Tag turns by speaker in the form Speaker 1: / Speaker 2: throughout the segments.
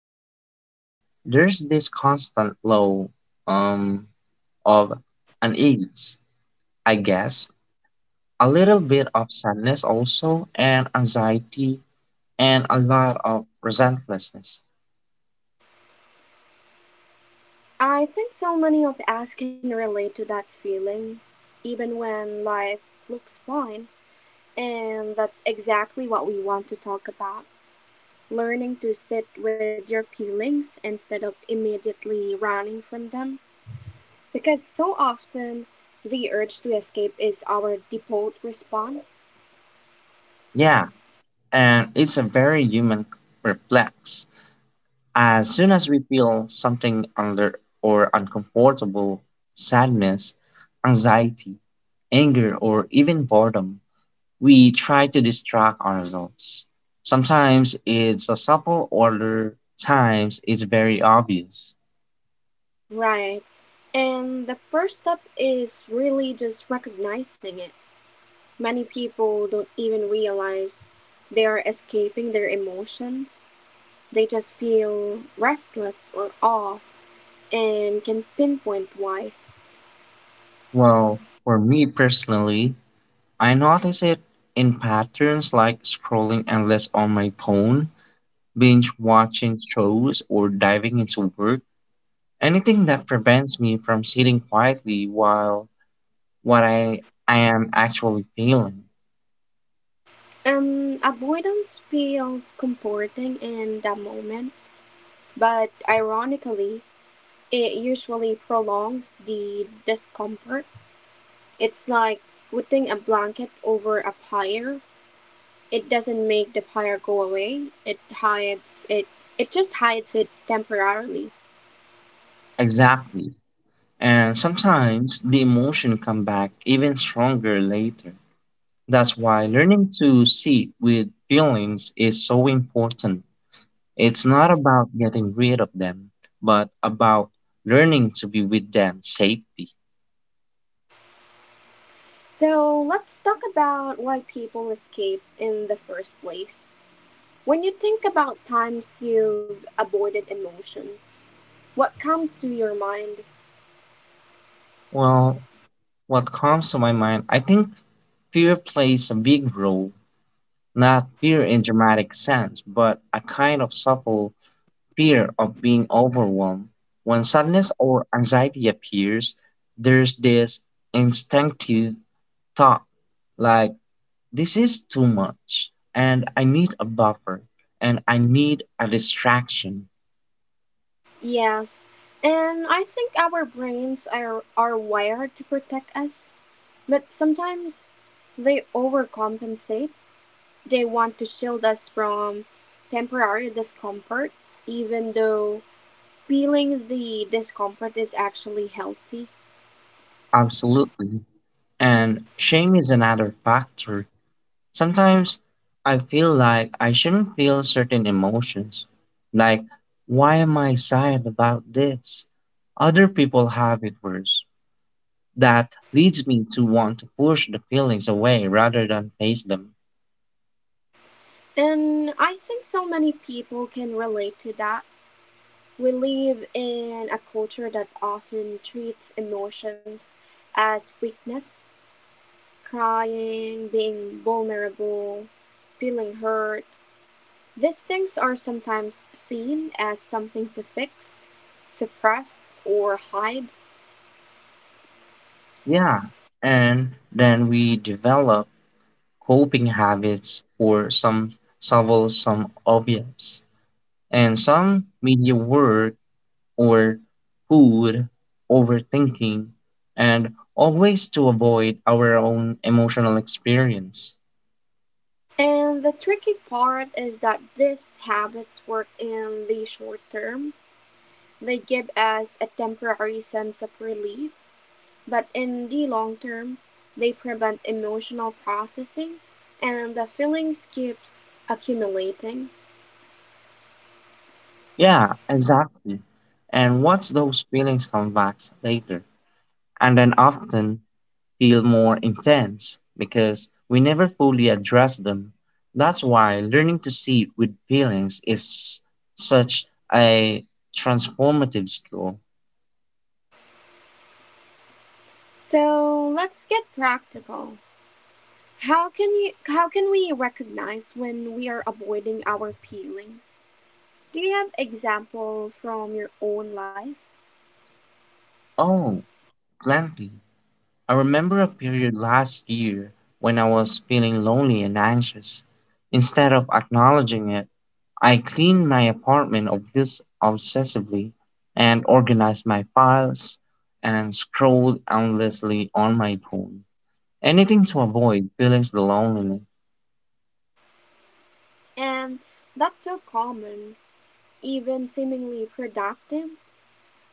Speaker 1: internally, there's this constant low um of unease, I guess, a little bit of sadness also, and anxiety, and a lot of resentlessness.
Speaker 2: I think so many of us can relate to that feeling, even when life looks fine. And that's exactly what we want to talk about: learning to sit with your feelings instead of immediately running from them. Because so often the urge to escape is our default response.
Speaker 1: Yeah, and it's a very human reflex. As soon as we feel something under or uncomfortable, sadness, anxiety, anger, or even boredom, we try to distract ourselves. Sometimes it's a subtle order, times it's very obvious.
Speaker 2: Right. And the first step is really just recognizing it. Many people don't even realize they are escaping their emotions. They just feel restless or off and can pinpoint why.
Speaker 1: Well, for me personally, I notice it in patterns like scrolling endless on my phone, binge watching shows, or diving into work. Anything that prevents me from sitting quietly while what I am actually feeling.
Speaker 2: Avoidance feels comforting in that moment, but ironically, it usually prolongs the discomfort. It's like putting a blanket over a fire. It doesn't make the fire go away. It hides it. It just hides it temporarily.
Speaker 1: Exactly. And sometimes the emotion come back even stronger later. That's why learning to sit with feelings is so important. It's not about getting rid of them, but about learning to be with them safely.
Speaker 2: So let's talk about why people escape in the first place. When you think about times you've avoided emotions, what comes to your mind?
Speaker 1: Well, what comes to my mind, I think fear plays a big role, not fear in dramatic sense, but a kind of subtle fear of being overwhelmed. When sadness or anxiety appears, there's this instinctive thought like, this is too much, and I need a buffer, and I need a distraction.
Speaker 2: Yes, and I think our brains are wired to protect us, but sometimes they overcompensate. They want to shield us from temporary discomfort, even though feeling the discomfort is actually healthy.
Speaker 1: Absolutely. And shame is another factor. Sometimes I feel like I shouldn't feel certain emotions. Like, why am I sad about this? Other people have it worse. That leads me to want to push the feelings away rather than face them.
Speaker 2: And I think so many people can relate to that. We live in a culture that often treats emotions as weakness. Crying, being vulnerable, feeling hurt. These things are sometimes seen as something to fix, suppress, or hide.
Speaker 1: Yeah, and then we develop coping habits for some subtle, some obvious. And some media work or food, overthinking, and always to avoid our own emotional experience.
Speaker 2: And the tricky part is that these habits work in the short term. They give us a temporary sense of relief, but in the long term, they prevent emotional processing and the feelings keeps accumulating.
Speaker 1: Yeah, exactly. And watch those feelings come back later. And then often feel more intense because we never fully address them. That's why learning to see with feelings is such a transformative skill.
Speaker 2: So let's get practical. How can we recognize when we are avoiding our feelings? Do you have example from your own life?
Speaker 1: Oh, plenty. I remember a period last year when I was feeling lonely and anxious. Instead of acknowledging it, I cleaned my apartment of this obsessively and organized my files and scrolled endlessly on my phone. Anything to avoid feeling the loneliness.
Speaker 2: And that's so common, even seemingly productive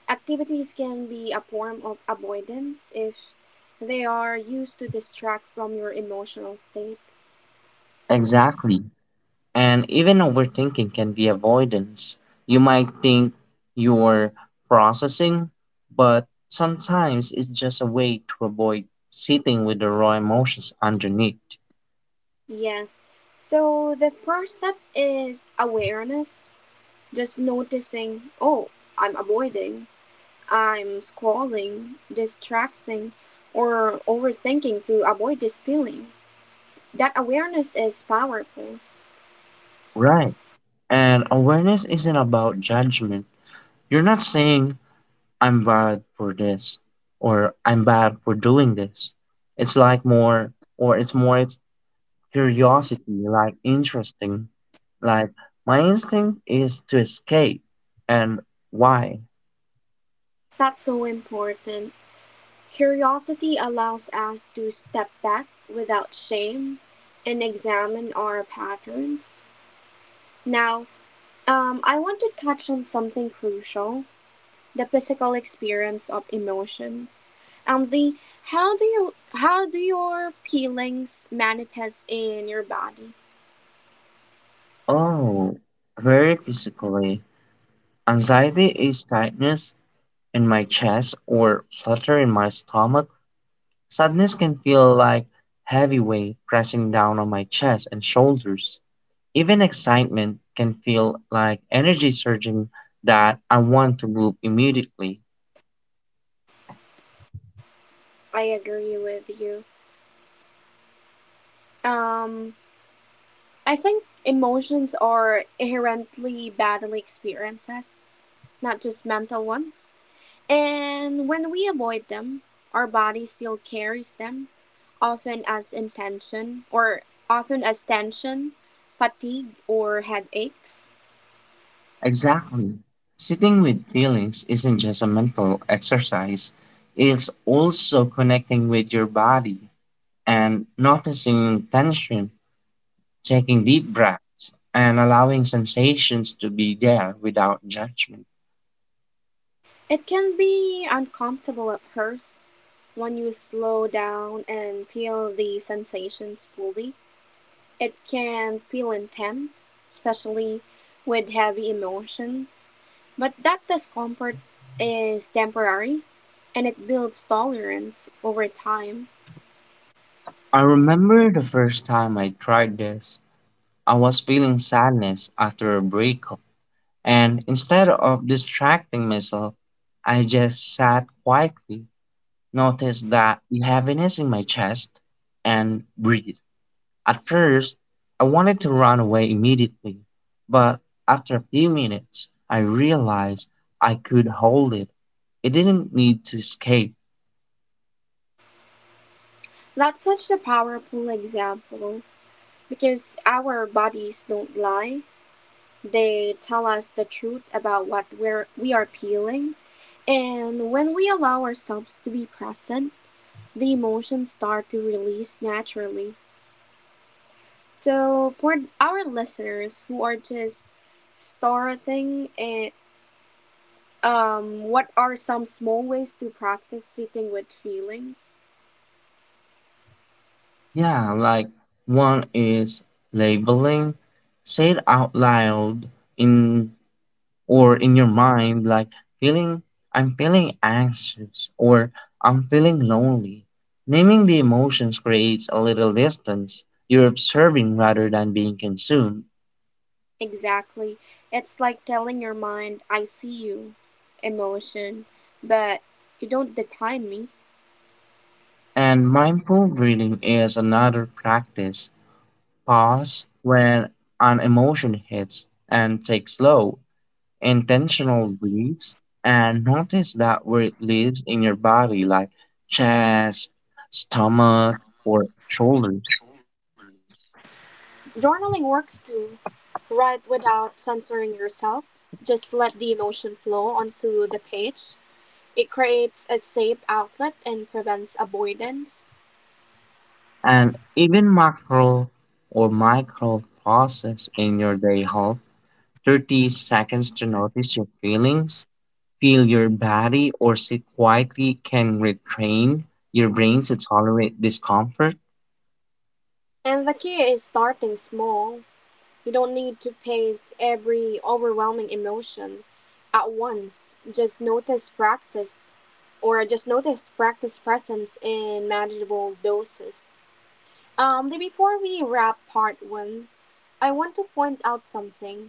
Speaker 2: activities can be a form of avoidance if they are used to distract from your emotional state.
Speaker 1: Exactly. And even overthinking can be avoidance. You might think you're processing, but sometimes it's just a way to avoid sitting with the raw emotions underneath.
Speaker 2: Yes. So the first step is awareness, just noticing, oh, I'm avoiding I'm scrolling, distracting, or overthinking to avoid this feeling. That awareness is powerful.
Speaker 1: Right. And awareness isn't about judgment. You're not saying, I'm bad for this or I'm bad for doing this. It's like more, or it's more it's curiosity, like interesting. Like, my instinct is to escape. And why?
Speaker 2: That's so important. Curiosity allows us to step back without shame and examine our patterns. Now, I want to touch on something crucial: the physical experience of emotions. And the how do you How do your feelings manifest in your body?
Speaker 1: Oh, very physically. Anxiety is tightness in my chest or flutter in my stomach. Sadness can feel like heavy weight pressing down on my chest and shoulders. Even excitement can feel like energy surging that I want to move immediately.
Speaker 2: I agree with you. Um, I think emotions are inherently bodily experiences, not just mental ones. And when we avoid them, our body still carries them, often as intention or often as tension, fatigue, or headaches.
Speaker 1: Exactly. Sitting with feelings isn't just a mental exercise, it's also connecting with your body and noticing tension, taking deep breaths, and allowing sensations to be there without judgment.
Speaker 2: It can be uncomfortable at first when you slow down and feel the sensations fully. It can feel intense, especially with heavy emotions, but that discomfort is temporary and it builds tolerance over time.
Speaker 1: I remember the first time I tried this, I was feeling sadness after a breakup, and instead of distracting myself, I just sat quietly, noticed that the heaviness in my chest, and breathed. At first I wanted to run away immediately, but after a few minutes I realized I could hold it. It didn't need to escape.
Speaker 2: That's such a powerful example because our bodies don't lie. They tell us the truth about we are feeling. And when we allow ourselves to be present, the emotions start to release naturally. So for our listeners who are just starting, and what are some small ways to practice sitting with feelings?
Speaker 1: Yeah, like one is labeling. Say it out loud in or in your mind like feeling I'm feeling anxious or I'm feeling lonely. Naming the emotions creates a little distance. You're observing rather than being consumed.
Speaker 2: Exactly, it's like telling your mind, "I see you, emotion, but you don't define me."
Speaker 1: And mindful breathing is another practice. Pause when an emotion hits and take slow, intentional breaths and notice that where it lives in your body, like chest, stomach, or shoulders.
Speaker 2: Journaling works too. Write without censoring yourself. Just let the emotion flow onto the page. It creates a safe outlet and prevents avoidance.
Speaker 1: And even macro or micro process in your day help 30 seconds to notice your feelings feel your body or sit quietly can retrain your brain to tolerate discomfort?
Speaker 2: And the key is starting small. You don't need to pace every overwhelming emotion at once. Just notice practice presence in manageable doses. Before we wrap part one, I want to point out something.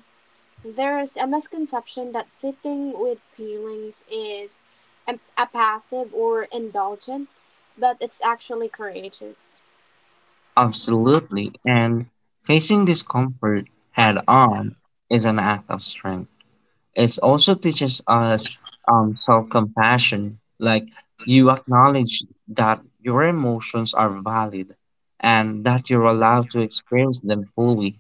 Speaker 2: There is a misconception that sitting with feelings is a passive or indulgent, but it's actually courageous.
Speaker 1: Absolutely. And facing discomfort head on is an act of strength. It also teaches us self compassion, like you acknowledge that your emotions are valid and that you're allowed to experience them fully.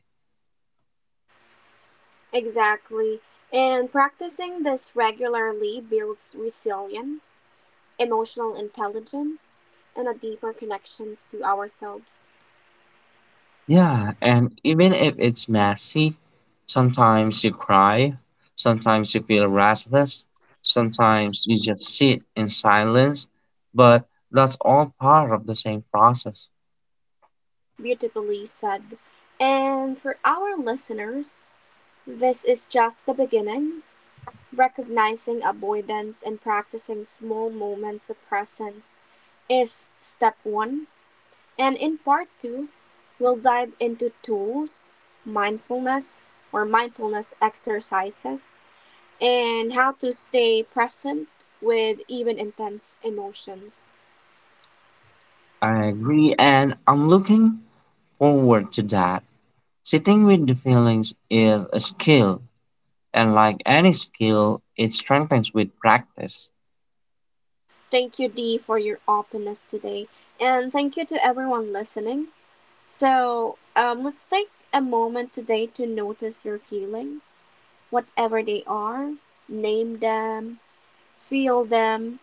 Speaker 2: Exactly. And practicing this regularly builds resilience, emotional intelligence, and a deeper connections to ourselves.
Speaker 1: Yeah, and even if it's messy, sometimes you cry, sometimes you feel restless, sometimes you just sit in silence, but that's all part of the same process.
Speaker 2: Beautifully said. And for our listeners, this is just the beginning. Recognizing avoidance and practicing small moments of presence is step one. And in part two, we'll dive into tools, mindfulness exercises and how to stay present with even intense emotions.
Speaker 1: I agree, and I'm looking forward to that. Sitting with the feelings is a skill, and like any skill, it strengthens with practice.
Speaker 2: Thank you, Dee, for your openness today. And thank you to everyone listening. So let's take a moment today to notice your feelings, whatever they are, name them, feel them,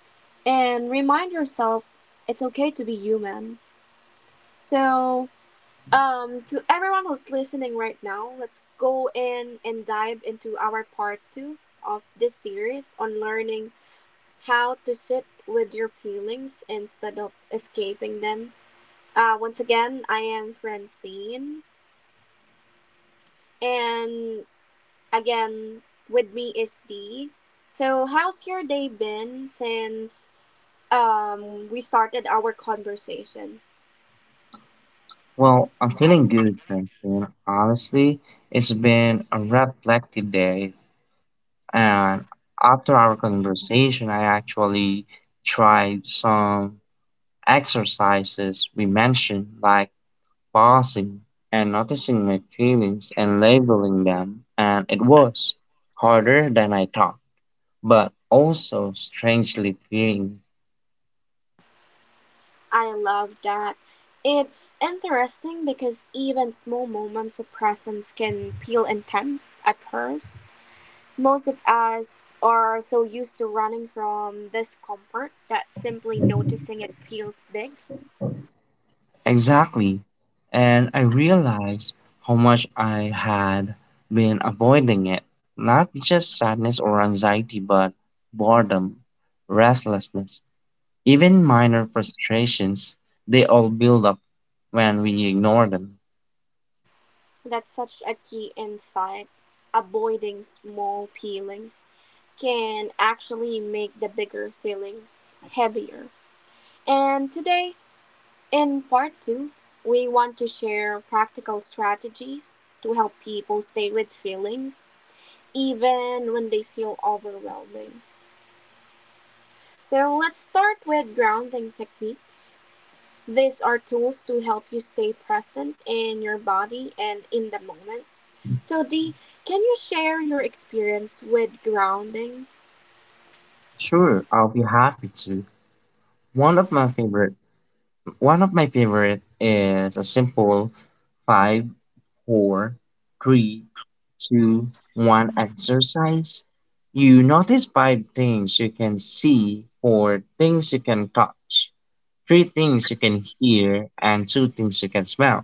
Speaker 2: and remind yourself it's okay to be human. So to everyone who's listening right now, let's go in and dive into our part two of this series on learning how to sit with your feelings instead of escaping them. Once again, I am Francine, and again, with me is Dee. So, how's your day been since we started our conversation?
Speaker 1: Well, I'm feeling good, Francine. Honestly, it's been a reflective day. And after our conversation, I actually tried some exercises we mentioned, like pausing and noticing my feelings and labeling them. And it was harder than I thought, but also strangely freeing.
Speaker 2: I love that. It's interesting because even small moments of presence can feel intense at first. Most of us are so used to running from discomfort that simply noticing it feels big.
Speaker 1: Exactly. And I realized how much I had been avoiding it. Not just sadness or anxiety, but boredom, restlessness. Even minor frustrations, they all build up when we ignore them.
Speaker 2: That's such a key insight. Avoiding small feelings can actually make the bigger feelings heavier. And today, in part two, we want to share practical strategies to help people stay with feelings even when they feel overwhelming. So let's start with grounding techniques. These are tools to help you stay present in your body and in the moment. So, Dee, can you share your experience with grounding?
Speaker 1: Sure, I'll be happy to. One of my favorite one of my favorite is a simple five, four, three, two, one exercise. You notice five things you can see, four things you can touch, three things you can hear and two things you can smell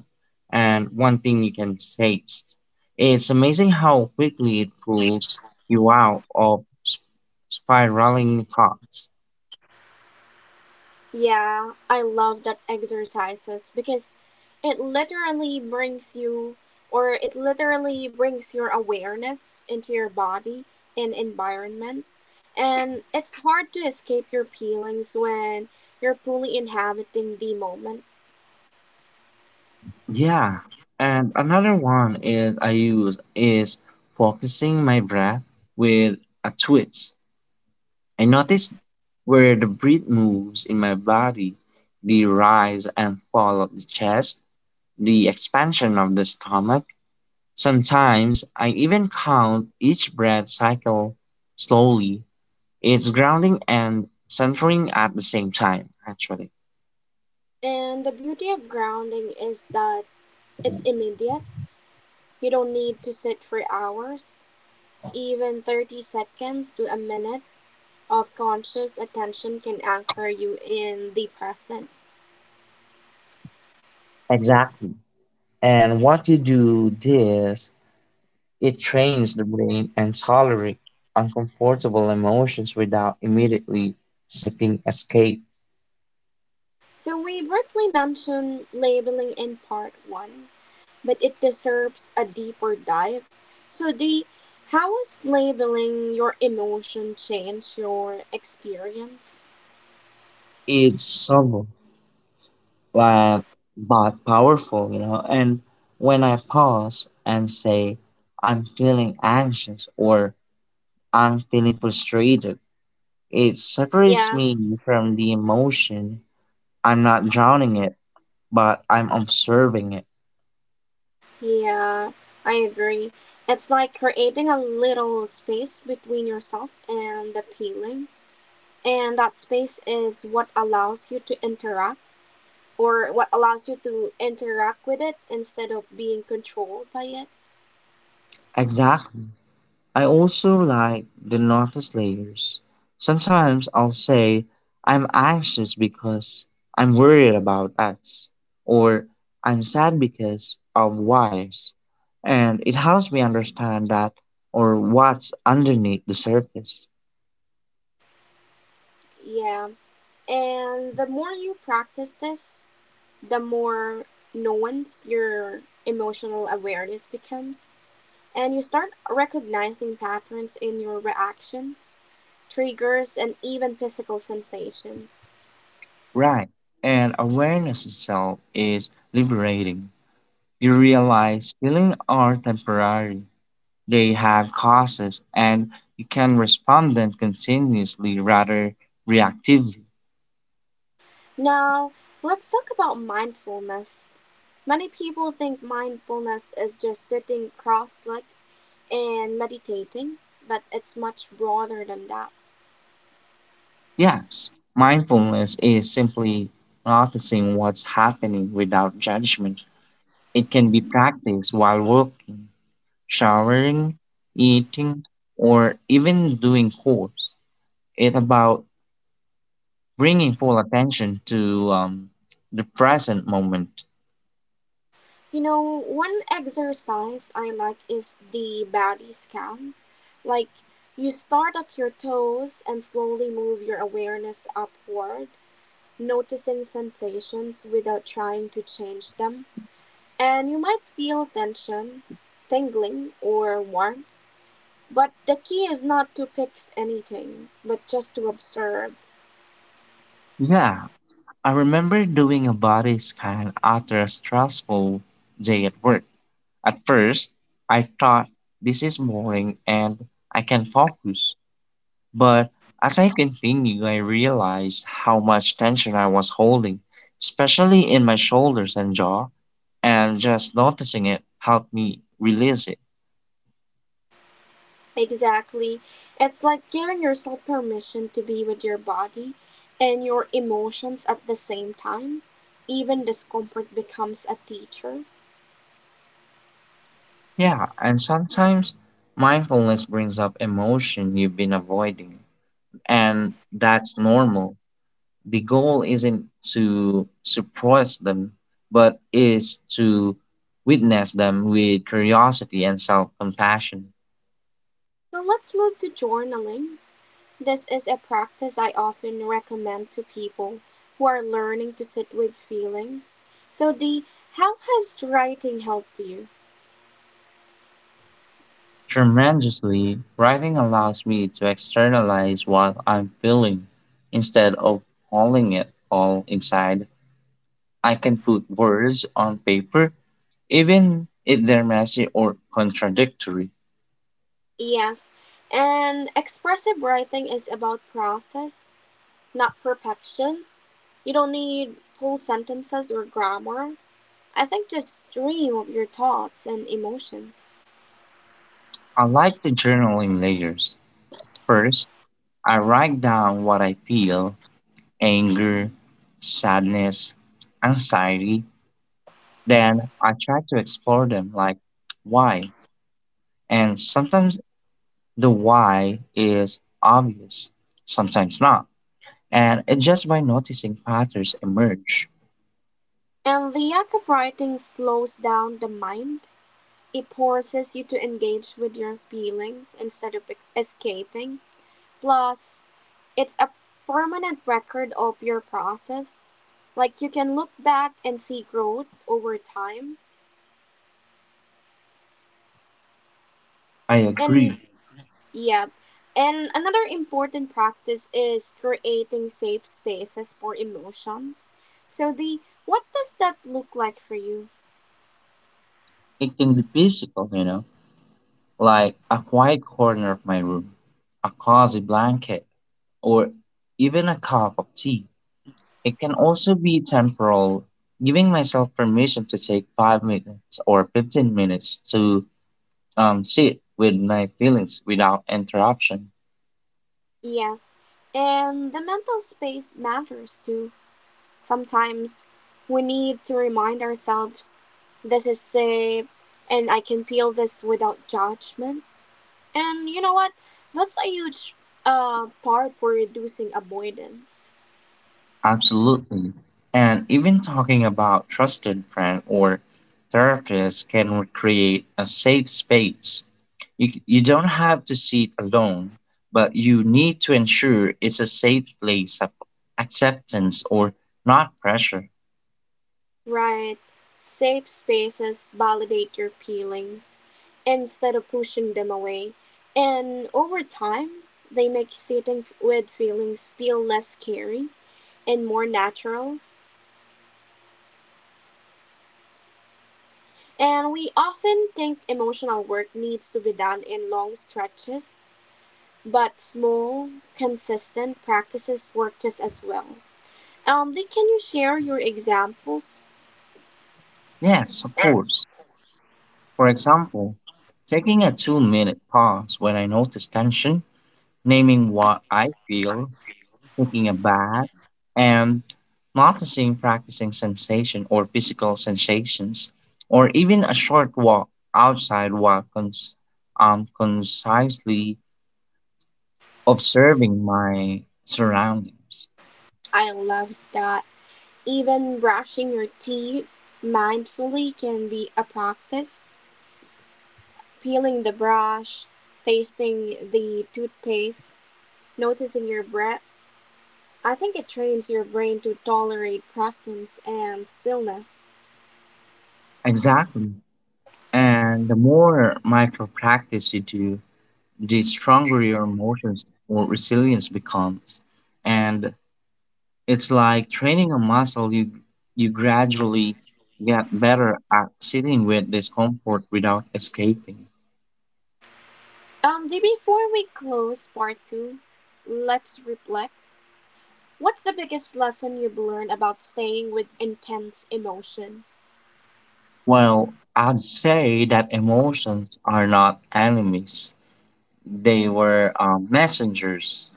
Speaker 1: and one thing you can taste. It's amazing how quickly it pulls you out of spiraling thoughts.
Speaker 2: Yeah, I love that exercises because it literally brings you it literally brings your awareness into your body and environment. And it's hard to escape your feelings when you're fully inhabiting the moment.
Speaker 1: Yeah, and another one is I use is focusing my breath with a twist. I notice where the breath moves in my body, the rise and fall of the chest, the expansion of the stomach. Sometimes I even count each breath cycle slowly, its grounding and centering at the same time, actually.
Speaker 2: And the beauty of grounding is that it's immediate. You don't need to sit for hours. Even 30 seconds to a minute of conscious attention can anchor you in the present.
Speaker 1: Exactly. And what you do this, it trains the brain and tolerate uncomfortable emotions without immediately seeking escape.
Speaker 2: So we briefly mentioned labeling in part one, but it deserves a deeper dive. So D, how has labeling your emotion changed your experience?
Speaker 1: It's subtle, but, but powerful. And when I pause and say, I'm feeling anxious or I'm feeling frustrated, it separates
Speaker 2: Yeah,
Speaker 1: me from the emotion. I'm not drowning it, but I'm observing it.
Speaker 2: yeah, I agree. It's like creating a little space between yourself and the feeling. And that space is what allows you to interact or what allows you to interact with it instead of being controlled by it.
Speaker 1: Exactly. I also like the notice layers. Sometimes I'll say, I'm anxious because I'm worried about X, or I'm sad because of Y's. And it helps me understand that or what's underneath the surface.
Speaker 2: Yeah. And the more you practice this, the more nuanced your emotional awareness becomes. And you start recognizing patterns in your reactions, triggers, and even physical sensations.
Speaker 1: Right. And awareness itself is liberating. You realize feelings are temporary, they have causes, and you can respond them continuously rather reactively.
Speaker 2: Now, let's talk about mindfulness. Many people think mindfulness is just sitting cross legged and meditating, but it's much broader than that.
Speaker 1: Yes, mindfulness is simply noticing what's happening without judgment. It can be practiced while walking, showering, eating, or even doing chores. It's about bringing full attention to the present moment.
Speaker 2: You know, one exercise I like is the body scan. Like, you start at your toes and slowly move your awareness upward, noticing sensations without trying to change them. And you might feel tension, tingling, or warmth, but the key is not to fix anything, but just to observe.
Speaker 1: Yeah, I remember doing a body scan after a stressful day at work. At first, I thought this is boring and I can focus. But as I continued, I realized how much tension I was holding, especially in my shoulders and jaw, and just noticing it helped me release it.
Speaker 2: Exactly. It's like giving yourself permission to be with your body and your emotions at the same time. Even discomfort becomes a teacher.
Speaker 1: Yeah, and sometimes mindfulness brings up emotion you've been avoiding, and that's normal. The goal isn't to suppress them, but is to witness them with curiosity and self compassion.
Speaker 2: So let's move to journaling. This is a practice I often recommend to people who are learning to sit with feelings. So, Dee, how has writing helped you?
Speaker 1: Tremendously, writing allows me to externalize what I'm feeling instead of holding it all inside. I can put words on paper, even if they're messy or contradictory.
Speaker 2: Yes, and expressive writing is about process, not perfection. You don't need full sentences or grammar. I think just dream of your thoughts and emotions.
Speaker 1: I like the journaling layers. First, I write down what I feel, anger, sadness, anxiety, then I try to explore them like why. And sometimes the why is obvious, sometimes not. And it's just by noticing patterns emerge.
Speaker 2: And the act of writing slows down the mind. It forces you to engage with your feelings instead of escaping. Plus, it's a permanent record of your process. Like you can look back and see growth over time.
Speaker 1: I
Speaker 2: And
Speaker 1: agree.
Speaker 2: Yeah. And another important practice is creating safe spaces for emotions. So, the what does that look like for you?
Speaker 1: It can be physical, like a quiet corner of my room, a cozy blanket, or even a cup of tea. It can also be temporal, giving myself permission to take 5 minutes or 15 minutes to sit with my feelings without interruption.
Speaker 2: Yes. And the mental space matters too. Sometimes we need to remind ourselves this is safe and I can feel this without judgment. And you know what? That's a huge part for reducing avoidance.
Speaker 1: Absolutely. And even talking about trusted friend or therapist can create a safe space. You don't have to sit alone, but you need to ensure it's a safe place of acceptance or not pressure.
Speaker 2: Right. Safe spaces validate your feelings instead of pushing them away. And over time, they make sitting with feelings feel less scary and more natural. And we often think emotional work needs to be done in long stretches, but small, consistent practices work just as well. Lee, can you share your examples?
Speaker 1: Yes, of course. For example, taking a 2-minute pause when I notice tension, naming what I feel, taking a bath, and noticing practicing sensation or physical sensations, or even a short walk outside while concisely observing my surroundings.
Speaker 2: I love that. Even brushing your teeth mindfully can be a practice. Peeling the brush, tasting the toothpaste, noticing your breath. I think it trains your brain to tolerate presence and stillness.
Speaker 1: Exactly. And the more micro practice you do, the stronger your emotions or resilience becomes. And it's like training a muscle. You gradually get better at sitting with discomfort without escaping.
Speaker 2: Before we close part two, let's reflect. What's the biggest lesson you've learned about staying with intense emotion?
Speaker 1: Well, I'd say that emotions are not enemies. They were messengers.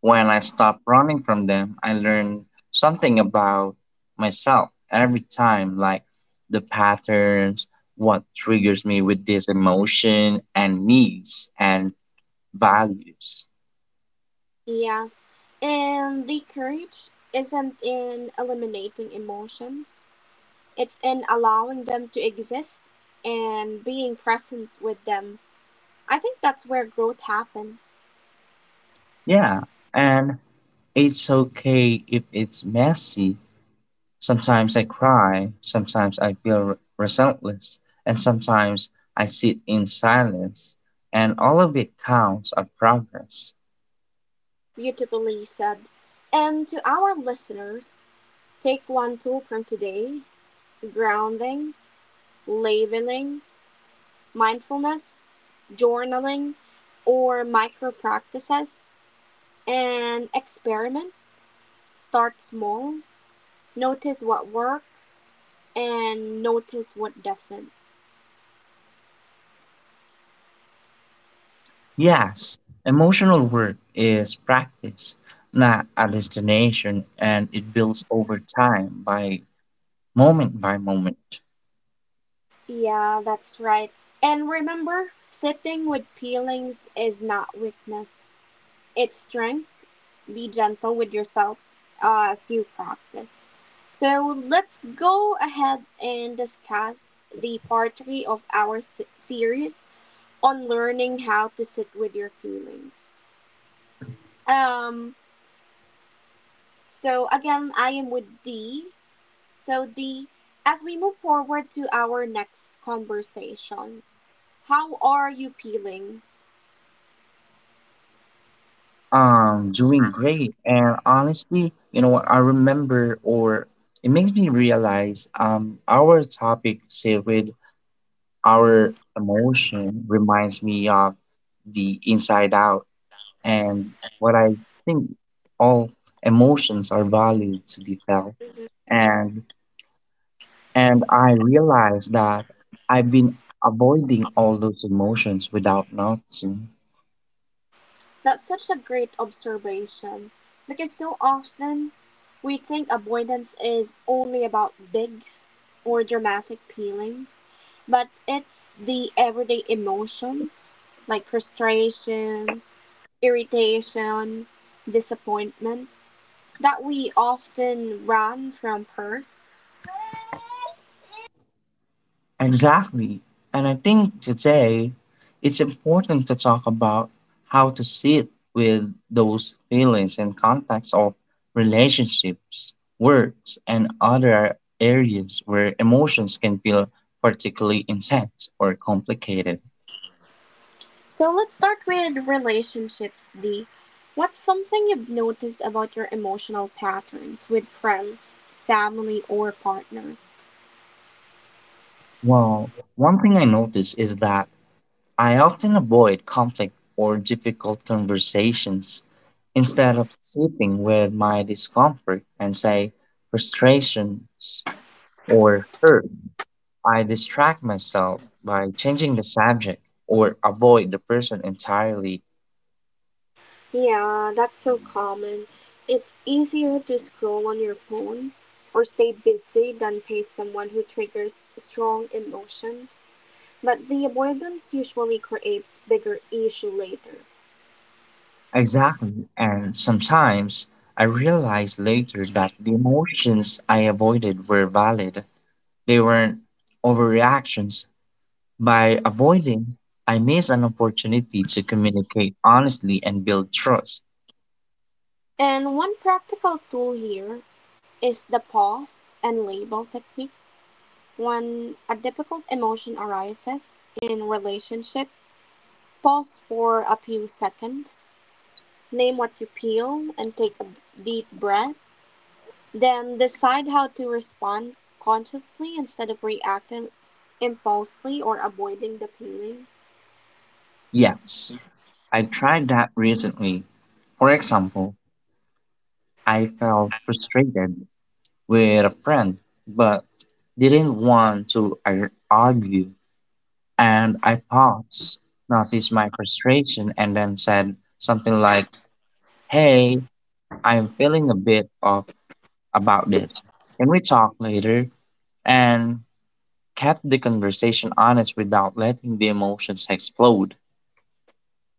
Speaker 1: When I stopped running from them, I learned something about myself every time, like the patterns, what triggers me with this emotion, and needs and values.
Speaker 2: Yes, and the courage isn't in eliminating emotions. It's in allowing them to exist and being present with them. I think that's where growth happens.
Speaker 1: Yeah, and it's okay if it's messy. Sometimes I cry, sometimes I feel resentless, and sometimes I sit in silence, and all of it counts as progress.
Speaker 2: Beautifully said. And to our listeners, take one tool from today: grounding, labeling, mindfulness, journaling, or micro practices, and experiment. Start small, notice what works, and notice what doesn't.
Speaker 1: Yes, emotional work is practice, not a destination, and it builds over time by moment by moment.
Speaker 2: Yeah, that's right. And remember, sitting with feelings is not weakness, it's strength. Be gentle with yourself as you practice. So let's go ahead and discuss the part three of our series on learning how to sit with your feelings. Um, so again, I am with Dee. So Dee, as we move forward to our next conversation, how are you feeling?
Speaker 1: Doing great and honestly you know what I remember or it makes me realize our topic say with our emotion reminds me of the Inside Out and what I think all emotions are valued to be felt and I realize that I've been avoiding all those emotions without noticing.
Speaker 2: That's such a great observation because so often we think avoidance is only about big or dramatic feelings, but it's the everyday emotions like frustration, irritation, disappointment that we often run from first.
Speaker 1: Exactly. And I think today it's important to talk about how to sit with those feelings in context of relationships, works, and other areas where emotions can feel particularly intense or complicated.
Speaker 2: So let's start with relationships, Dee. What's something you've noticed about your emotional patterns with friends, family, or partners?
Speaker 1: Well, one thing I notice is that I often avoid conflict or difficult conversations instead of sitting with my discomfort and say frustrations or hurt. I distract myself by changing the subject or avoid the person entirely.
Speaker 2: Yeah, that's so common. It's easier to scroll on your phone or stay busy than face someone who triggers strong emotions. But the avoidance usually creates bigger issue later.
Speaker 1: Exactly. And sometimes I realize later that the emotions I avoided were valid. They weren't overreactions. By avoiding, I miss an opportunity to communicate honestly and build trust.
Speaker 2: And one practical tool here is the pause and label technique. When a difficult emotion arises in relationship, pause for a few seconds, name what you feel and take a deep breath, then decide how to respond consciously instead of reacting impulsively or avoiding the feeling.
Speaker 1: Yes, I tried that recently. For example, I felt frustrated with a friend, but didn't want to argue. And I paused, noticed my frustration, and then said something like, "Hey, I'm feeling a bit off about this. Can we talk later?" And kept the conversation honest without letting the emotions explode.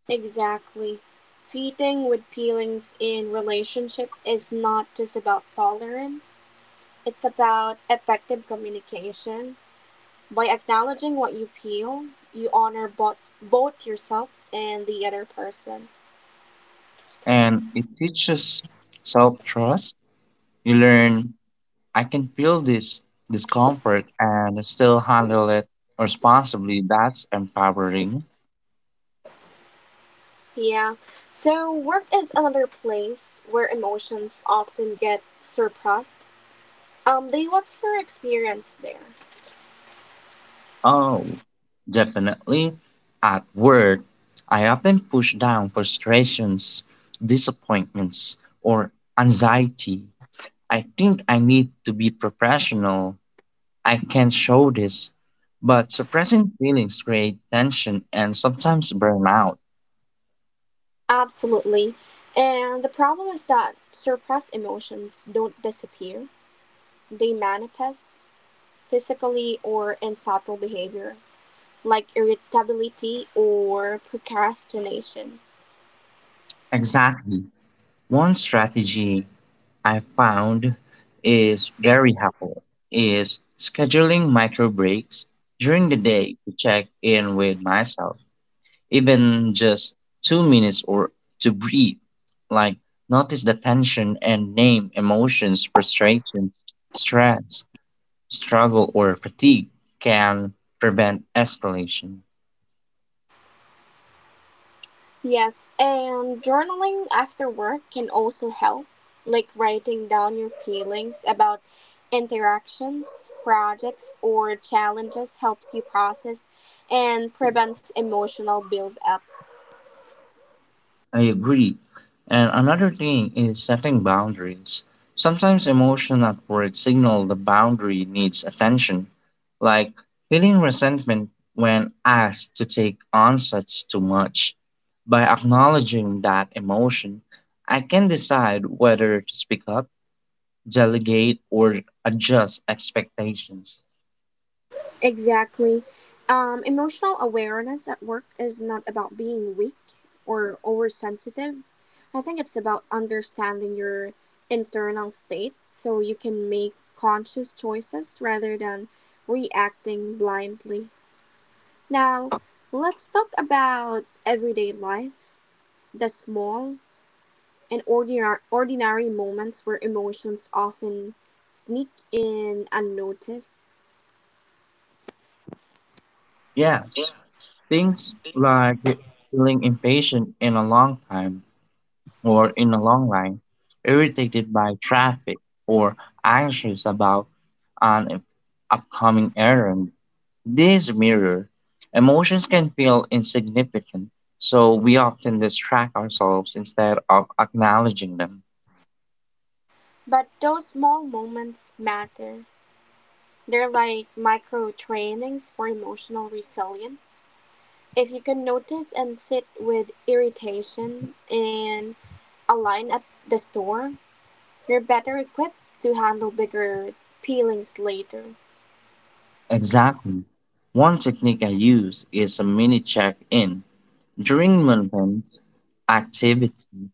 Speaker 2: Exactly. Sitting with feelings in relationship is not just about tolerance, it's about effective communication. By acknowledging what you feel, you honor both yourself and the other person.
Speaker 1: And it teaches self trust. You learn I can feel this discomfort and still handle it responsibly. That's empowering.
Speaker 2: Yeah. So work is another place where emotions often get suppressed. Lee, what's your experience there?
Speaker 1: Oh, definitely. At work, I often push down frustrations, disappointments, or anxiety. I think I need to be professional. I can not show this. But suppressing feelings create tension and sometimes burnout.
Speaker 2: Absolutely. And the problem is that suppressed emotions don't disappear. They manifest physically or in subtle behaviors like irritability or procrastination.
Speaker 1: Exactly. One strategy I found is very helpful is scheduling micro breaks during the day to check in with myself, even just 2 minutes or to breathe, like notice the tension and name emotions, frustration, stress, struggle, or fatigue can prevent escalation.
Speaker 2: Yes, and journaling after work can also help, like writing down your feelings about interactions, projects, or challenges helps you process and prevents emotional buildup.
Speaker 1: I agree. And another thing is setting boundaries. Sometimes emotion at work signal the boundary needs attention like feeling resentment when asked to take on such too much. By acknowledging that emotion, I can decide whether to speak up, delegate, or adjust expectations.
Speaker 2: Exactly. Emotional awareness at work is not about being weak or oversensitive. I think it's about understanding your internal state so you can make conscious choices rather than reacting blindly. Now, let's talk about everyday life, the small and ordinary moments where emotions often sneak in unnoticed.
Speaker 1: Yes, things like feeling impatient in a long time or in a long line, irritated by traffic, or anxious about an upcoming errand. This mirror, emotions can feel insignificant, so we often distract ourselves instead of acknowledging them.
Speaker 2: But those small moments matter. They're like micro trainings for emotional resilience. If you can notice and sit with irritation in a line at the store, you're better equipped to handle bigger feelings later.
Speaker 1: Exactly. One technique I use is a mini check in during mundane activity.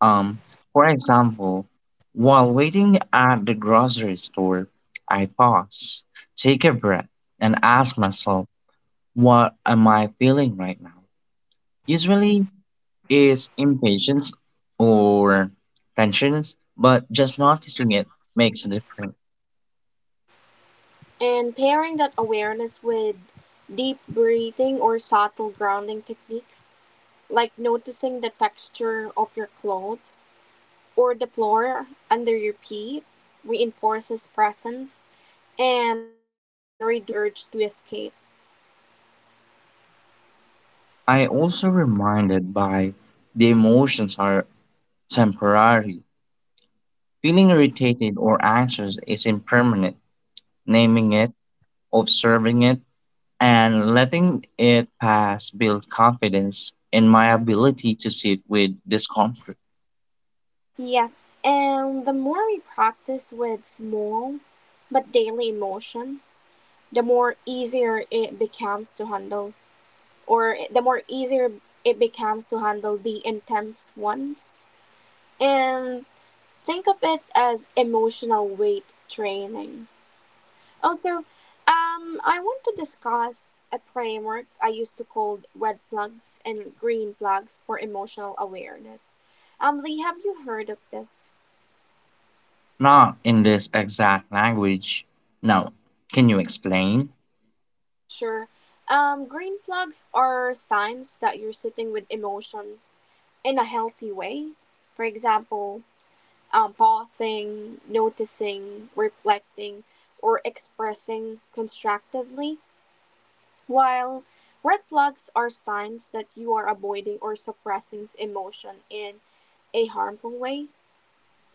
Speaker 1: Um, for example, while waiting at the grocery store, I pause, take a breath, and ask myself, what am I feeling right now? Usually, is impatience or tensions, but just noticing it makes a difference.
Speaker 2: And pairing that awareness with deep breathing or subtle grounding techniques, like noticing the texture of your clothes or the floor under your feet, reinforces presence and reduce the urge to escape.
Speaker 1: I also reminded by the emotions are temporary. Feeling irritated or anxious is impermanent. Naming it, observing it, and letting it pass builds confidence in my ability to sit with discomfort.
Speaker 2: Yes, and the more we practice with small but daily emotions, the more easier it becomes to handle, or the more easier it becomes to handle the intense ones. And think of it as emotional weight training. Also, I want to discuss a framework I used to call red plugs and green plugs for emotional awareness. Lee, have you heard of this?
Speaker 1: Not in this exact language. Now, can you explain?
Speaker 2: Sure. Green plugs are signs that you're sitting with emotions in a healthy way. For example, pausing, noticing, reflecting, or expressing constructively. While red flags are signs that you are avoiding or suppressing emotion in a harmful way,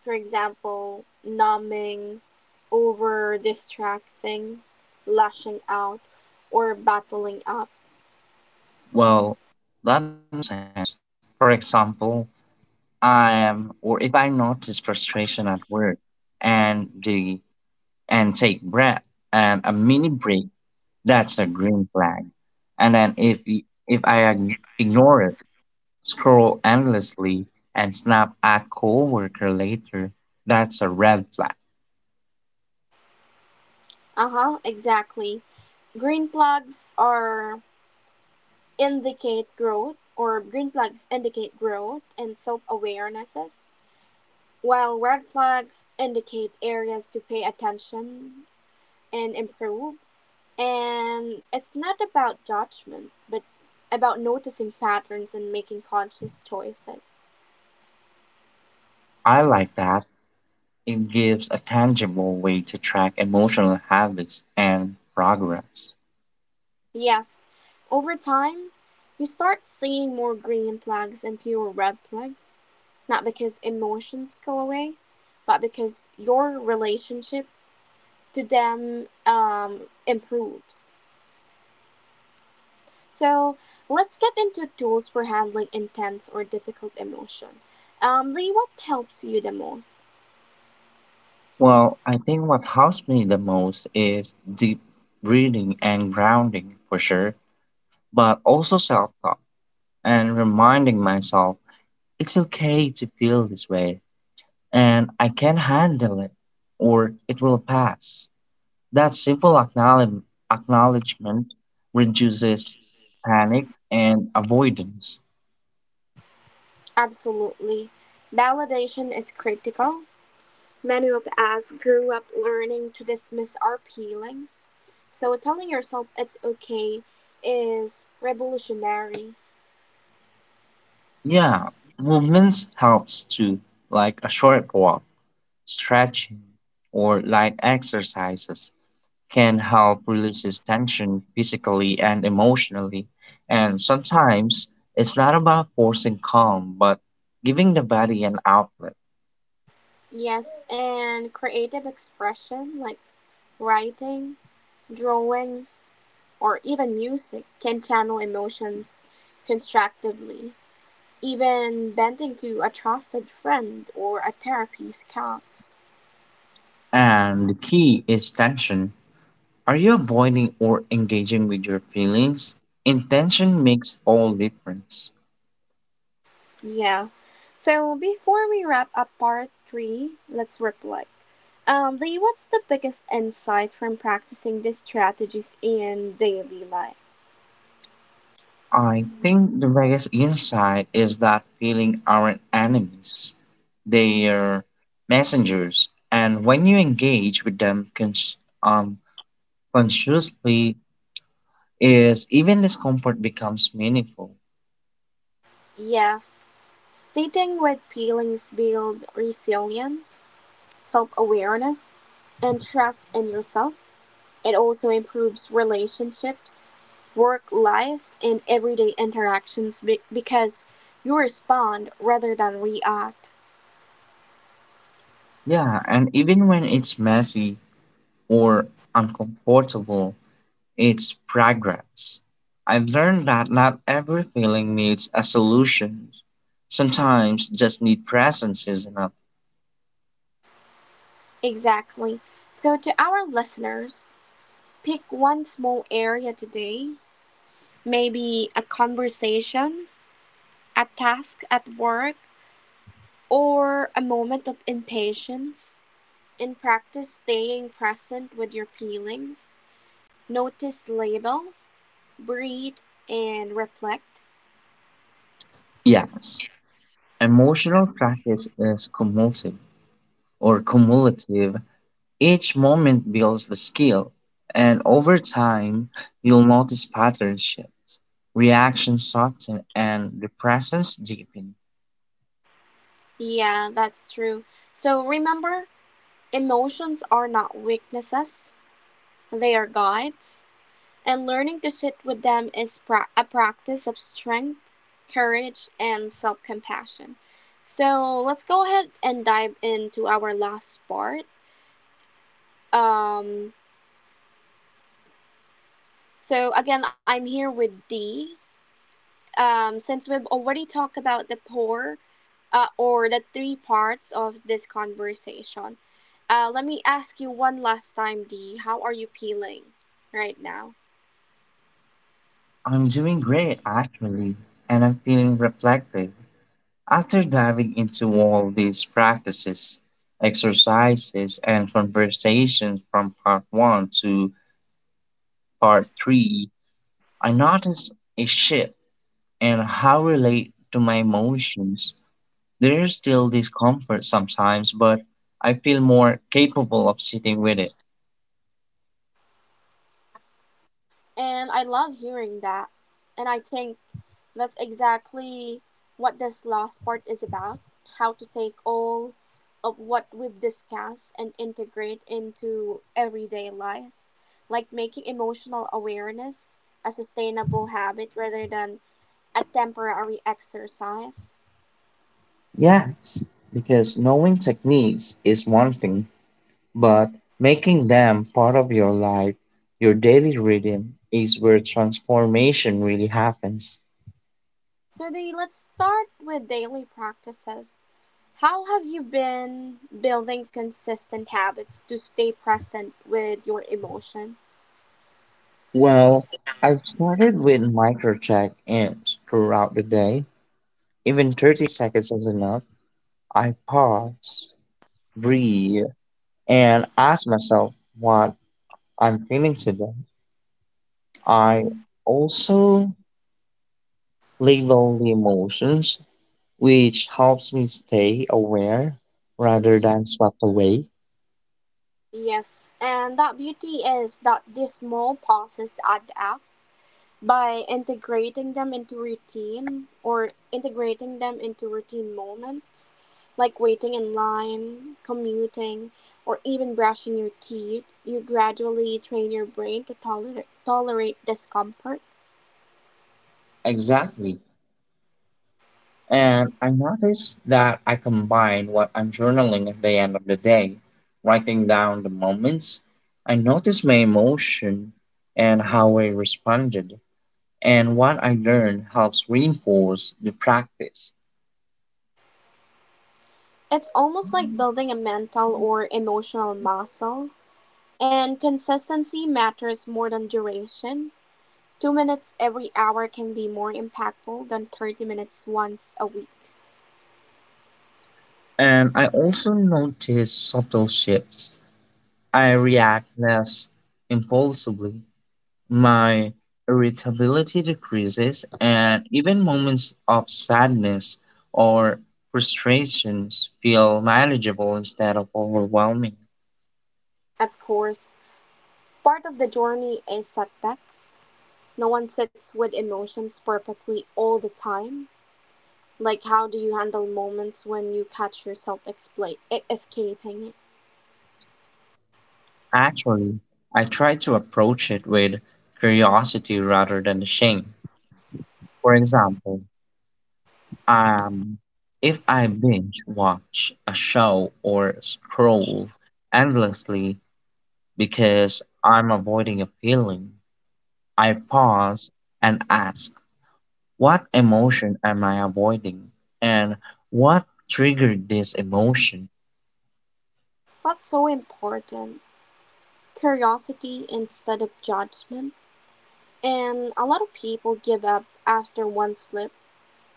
Speaker 2: for example, numbing, over distracting, lashing out, or battling up.
Speaker 1: Well, that makes sense. For example, I am, or if I notice frustration at work and the and take breath and a mini break, that's a green flag. And then if I ignore it, scroll endlessly and snap at coworker later, that's a red flag.
Speaker 2: Uh huh, exactly. Green flags are green flags indicate growth and self awarenesses, while red flags indicate areas to pay attention and improve. And it's not about judgment, but about noticing patterns and making conscious choices.
Speaker 1: I like that. It gives a tangible way to track emotional habits and progress.
Speaker 2: Yes, over time, you start seeing more green flags and fewer red flags. Not because emotions go away, but because your relationship to them improves. So let's get into tools for handling intense or difficult emotion. Lee, what helps you the most?
Speaker 1: Well, I think what helps me the most is deep breathing and grounding for sure, but also self talk and reminding myself it's okay to feel this way and I can handle it or it will pass. That simple acknowledgement reduces panic and avoidance.
Speaker 2: Absolutely. Validation is critical. Many of us grew up learning to dismiss our feelings. So telling yourself it's okay is revolutionary.
Speaker 1: Yeah, movements helps too, like a short walk, stretching, or light exercises can help releases tension physically and emotionally. And sometimes it's not about forcing calm, but giving the body an outlet.
Speaker 2: Yes, and creative expression like writing, drawing, or even music can channel emotions constructively. Even bending to a trusted friend or a therapist counts.
Speaker 1: And the key is tension. Are you avoiding or engaging with your feelings? Intention makes all difference.
Speaker 2: Yeah. So before we wrap up part three, let's reflect. Lee, what's the biggest insight from practicing these strategies in daily life?
Speaker 1: I think the biggest insight is that feelings aren't enemies. They are messengers. And when you engage with them um, consciously is even discomfort becomes meaningful.
Speaker 2: Yes. Sitting with feelings build resilience, self awareness, and trust in yourself. It also improves relationships, work life, and everyday interactions because you respond rather than react.
Speaker 1: Yeah, and even when it's messy or uncomfortable, it's progress. I've learned that not every feeling needs a solution. Sometimes just need presence is enough.
Speaker 2: Exactly. So, to our listeners, pick one small area today, maybe a conversation, a task at work, or a moment of impatience, and practice staying present with your feelings. Notice label, breathe, and reflect.
Speaker 1: Yes, emotional practice is cumulative. Each moment builds the skill, and over time, you'll notice pattern shifts, reactions soften, and the presence deepen.
Speaker 2: Yeah, that's true. So, remember, emotions are not weaknesses, they are guides. And learning to sit with them is a practice of strength, courage, and self compassion. So let's go ahead and dive into our last part. Um, so again, I'm here with D. Since we've already talked about the poor or the three parts of this conversation, let me ask you one last time, D. How are you feeling right now?
Speaker 1: I'm doing great, actually, and I'm feeling reflective. After diving into all these practices, exercises, and conversations from part one to part three, I noticed a shift in how I relate to my emotions. There is still discomfort sometimes, but I feel more capable of sitting with it.
Speaker 2: And I love hearing that. And I think that's exactly what this last part is about how to take all of what we've discussed and integrate into everyday life, like making emotional awareness a sustainable habit rather than a temporary exercise.
Speaker 1: Yes, because knowing techniques is one thing, but making them part of your life, your daily rhythm, is where transformation really happens.
Speaker 2: So, Dee, let's start with daily practices. How have you been building consistent habits to stay present with your emotions?
Speaker 1: Well, I've started with micro check ins throughout the day. Even 30 seconds is enough. I pause, breathe, and ask myself what I'm feeling today. I also label the emotions, which helps me stay aware rather than swept away.
Speaker 2: Yes, and that beauty is that these small pauses add up. By integrating them into routine moments, like waiting in line, commuting, or even brushing your teeth, you gradually train your brain to tolerate discomfort.
Speaker 1: Exactly. And I notice that I combine what I'm journaling at the end of the day, writing down the moments. I notice my emotion and how I responded, and what I learned helps reinforce the practice.
Speaker 2: It's almost like building a mental or emotional muscle, and consistency matters more than duration. 2 minutes every hour can be more impactful than 30 minutes once a week.
Speaker 1: And I also notice subtle shifts. I react less impulsively. My irritability decreases, and even moments of sadness or frustrations feel manageable instead of overwhelming.
Speaker 2: Of course, part of the journey is setbacks. No one sits with emotions perfectly all the time. Like, how do you handle moments when you catch yourself escaping?
Speaker 1: Actually, I try to approach it with curiosity rather than shame. For example, um, if I binge watch a show or scroll endlessly because I'm avoiding a feeling, I pause and ask, what emotion am I avoiding? And what triggered this emotion?
Speaker 2: What's so important? Curiosity instead of judgment. And a lot of people give up after one slip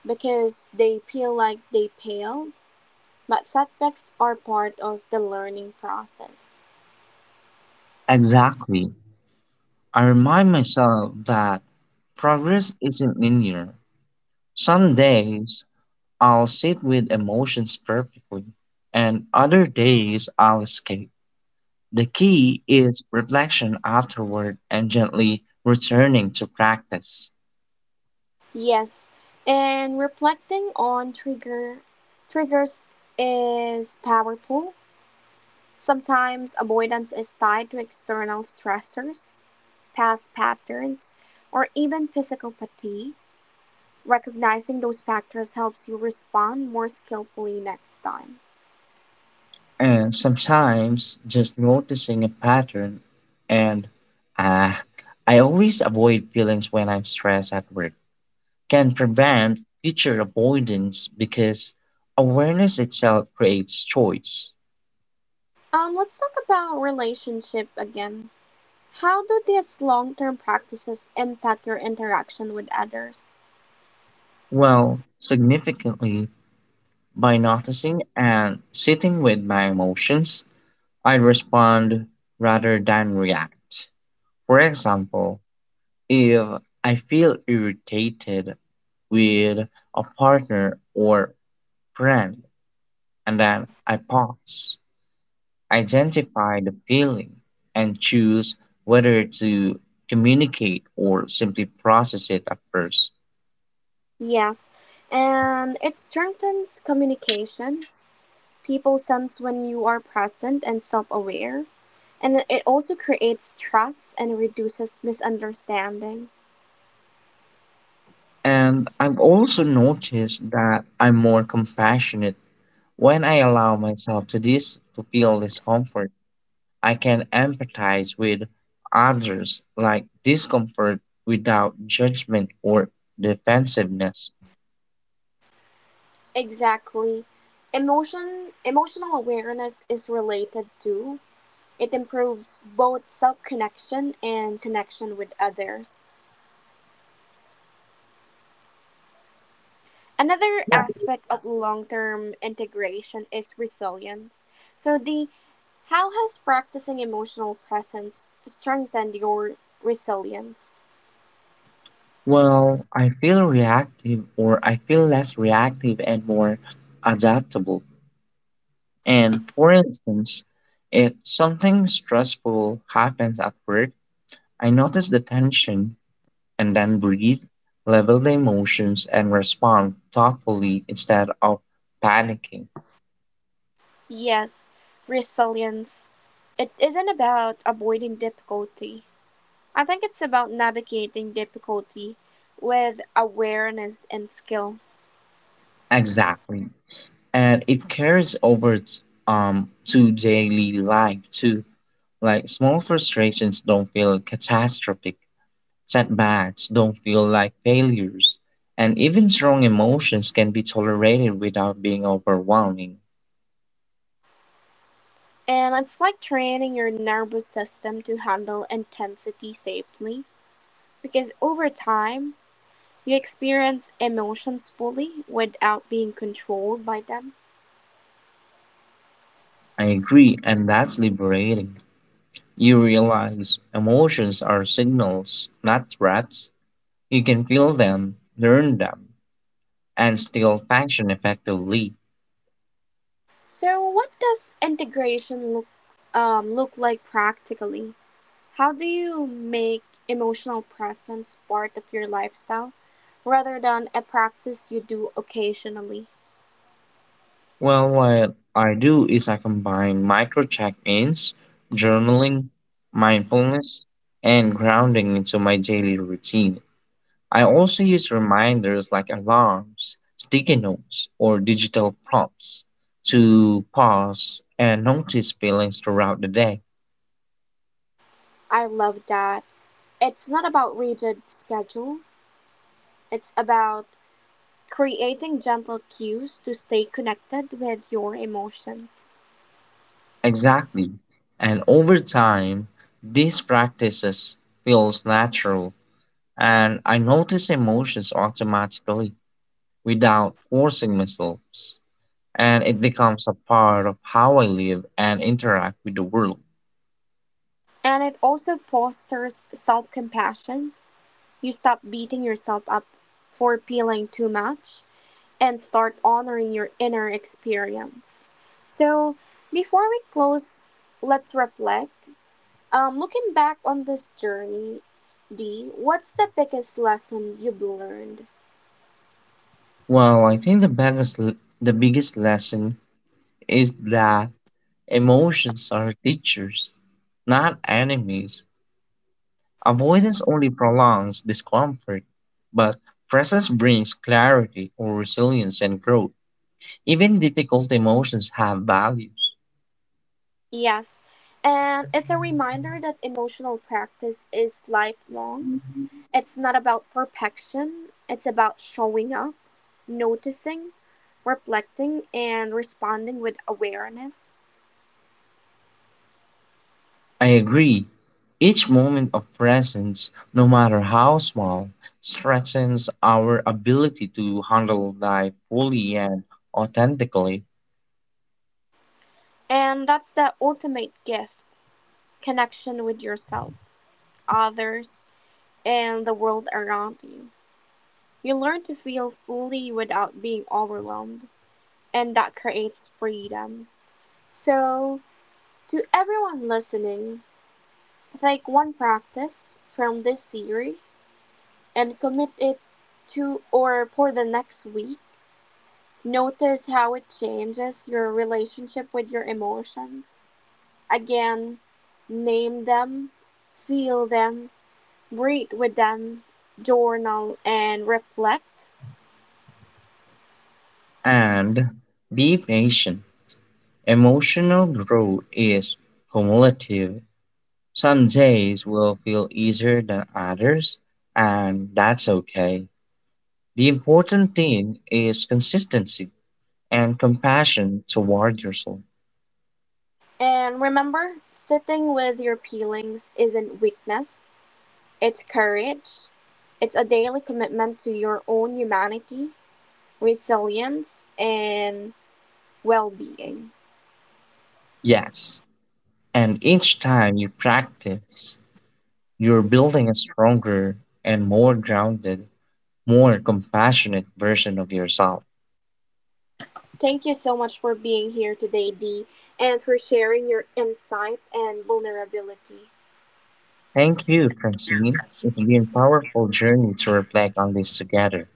Speaker 2: because they feel like they failed. But setbacks are part of the learning process.
Speaker 1: Exactly. I remind myself that progress isn't linear. Some days I'll sit with emotions perfectly, and other days I'll escape. The key is reflection afterward and gently returning to practice.
Speaker 2: Yes, and reflecting on triggers is powerful. Sometimes avoidance is tied to external stressors, past patterns, or even physical fatigue. Recognizing those factors helps you respond more skillfully next time.
Speaker 1: And sometimes just noticing a pattern and ah, I always avoid feelings when I'm stressed at work can prevent future avoidance because awareness itself creates choice.
Speaker 2: Let's talk about relationship again. How do these long-term practices impact your interaction with others?
Speaker 1: Well, significantly, by noticing and sitting with my emotions, I respond rather than react. For example, if I feel irritated with a partner or friend, and then I pause, identify the feeling, and choose whether to communicate or simply process it at first.
Speaker 2: Yes, and it strengthens communication. People sense when you are present and self aware, and it also creates trust and reduces misunderstanding.
Speaker 1: And I've also noticed that I'm more compassionate when I allow myself to this to feel discomfort. I can empathize with others like discomfort without judgment or defensiveness.
Speaker 2: Exactly. Emotional awareness is related to it improves both self connection and connection with others. Another aspect of long term integration is resilience. So the How has practicing emotional presence strengthened your resilience?
Speaker 1: Well, I feel less reactive and more adaptable. And for instance, if something stressful happens at work, I notice the tension and then breathe, level the emotions, and respond thoughtfully instead of panicking.
Speaker 2: Yes, resilience. It isn't about avoiding difficulty. I think it's about navigating difficulty with awareness and skill.
Speaker 1: Exactly. And it carries over to daily life too. Like small frustrations don't feel catastrophic. Setbacks don't feel like failures, and even strong emotions can be tolerated without being overwhelming.
Speaker 2: And it's like training your nervous system to handle intensity safely. Because over time, you experience emotions fully without being controlled by them.
Speaker 1: I agree, and that's liberating. You realize emotions are signals, not threats. You can feel them, learn them, and still function effectively.
Speaker 2: So, what does integration look like practically? How do you make emotional presence part of your lifestyle rather than a practice you do occasionally?
Speaker 1: Well, what I do is I combine micro check ins, journaling, mindfulness, and grounding into my daily routine. I also use reminders like alarms, sticky notes, or digital prompts to pause and notice feelings throughout the day.
Speaker 2: I love that. It's not about rigid schedules. It's about creating gentle cues to stay connected with your emotions.
Speaker 1: Exactly. And over time, these practices feels natural and I notice emotions automatically without forcing myself. And it becomes a part of how I live and interact with the world.
Speaker 2: And it also fosters self compassion. You stop beating yourself up for feeling too much and start honoring your inner experience. So, before we close, let's reflect. Looking back on this journey, Dee, what's the biggest lesson you've learned?
Speaker 1: Well, I think the biggest lesson is that emotions are teachers, not enemies. Avoidance only prolongs discomfort, but presence brings clarity or resilience and growth. Even difficult emotions have values.
Speaker 2: Yes, and it's a reminder that emotional practice is lifelong. It's not about perfection, it's about showing up noticing, reflecting, and responding with awareness.
Speaker 1: I agree. Each moment of presence, no matter how small, strengthens our ability to handle life fully and authentically.
Speaker 2: And that's the ultimate gift connection with yourself, others, and the world around you. You learn to feel fully without being overwhelmed, and that creates freedom. So, to everyone listening, take one practice from this series and commit it to or for the next week. Notice how it changes your relationship with your emotions. Again, name them, feel them, breathe with them, journal and reflect.
Speaker 1: And be patient. Emotional growth is cumulative. Some days will feel easier than others, and that's okay. The important thing is consistency and compassion toward yourself.
Speaker 2: And remember, sitting with your feelings isn't weakness, it's courage. It's a daily commitment to your own humanity, resilience, and well being.
Speaker 1: Yes, and each time you practice, you're building a stronger and more grounded, more compassionate version of yourself.
Speaker 2: Thank you so much for being here today, Dee, and for sharing your insight and vulnerability.
Speaker 1: Thank you, Francine. It's been a powerful journey to reflect on this together.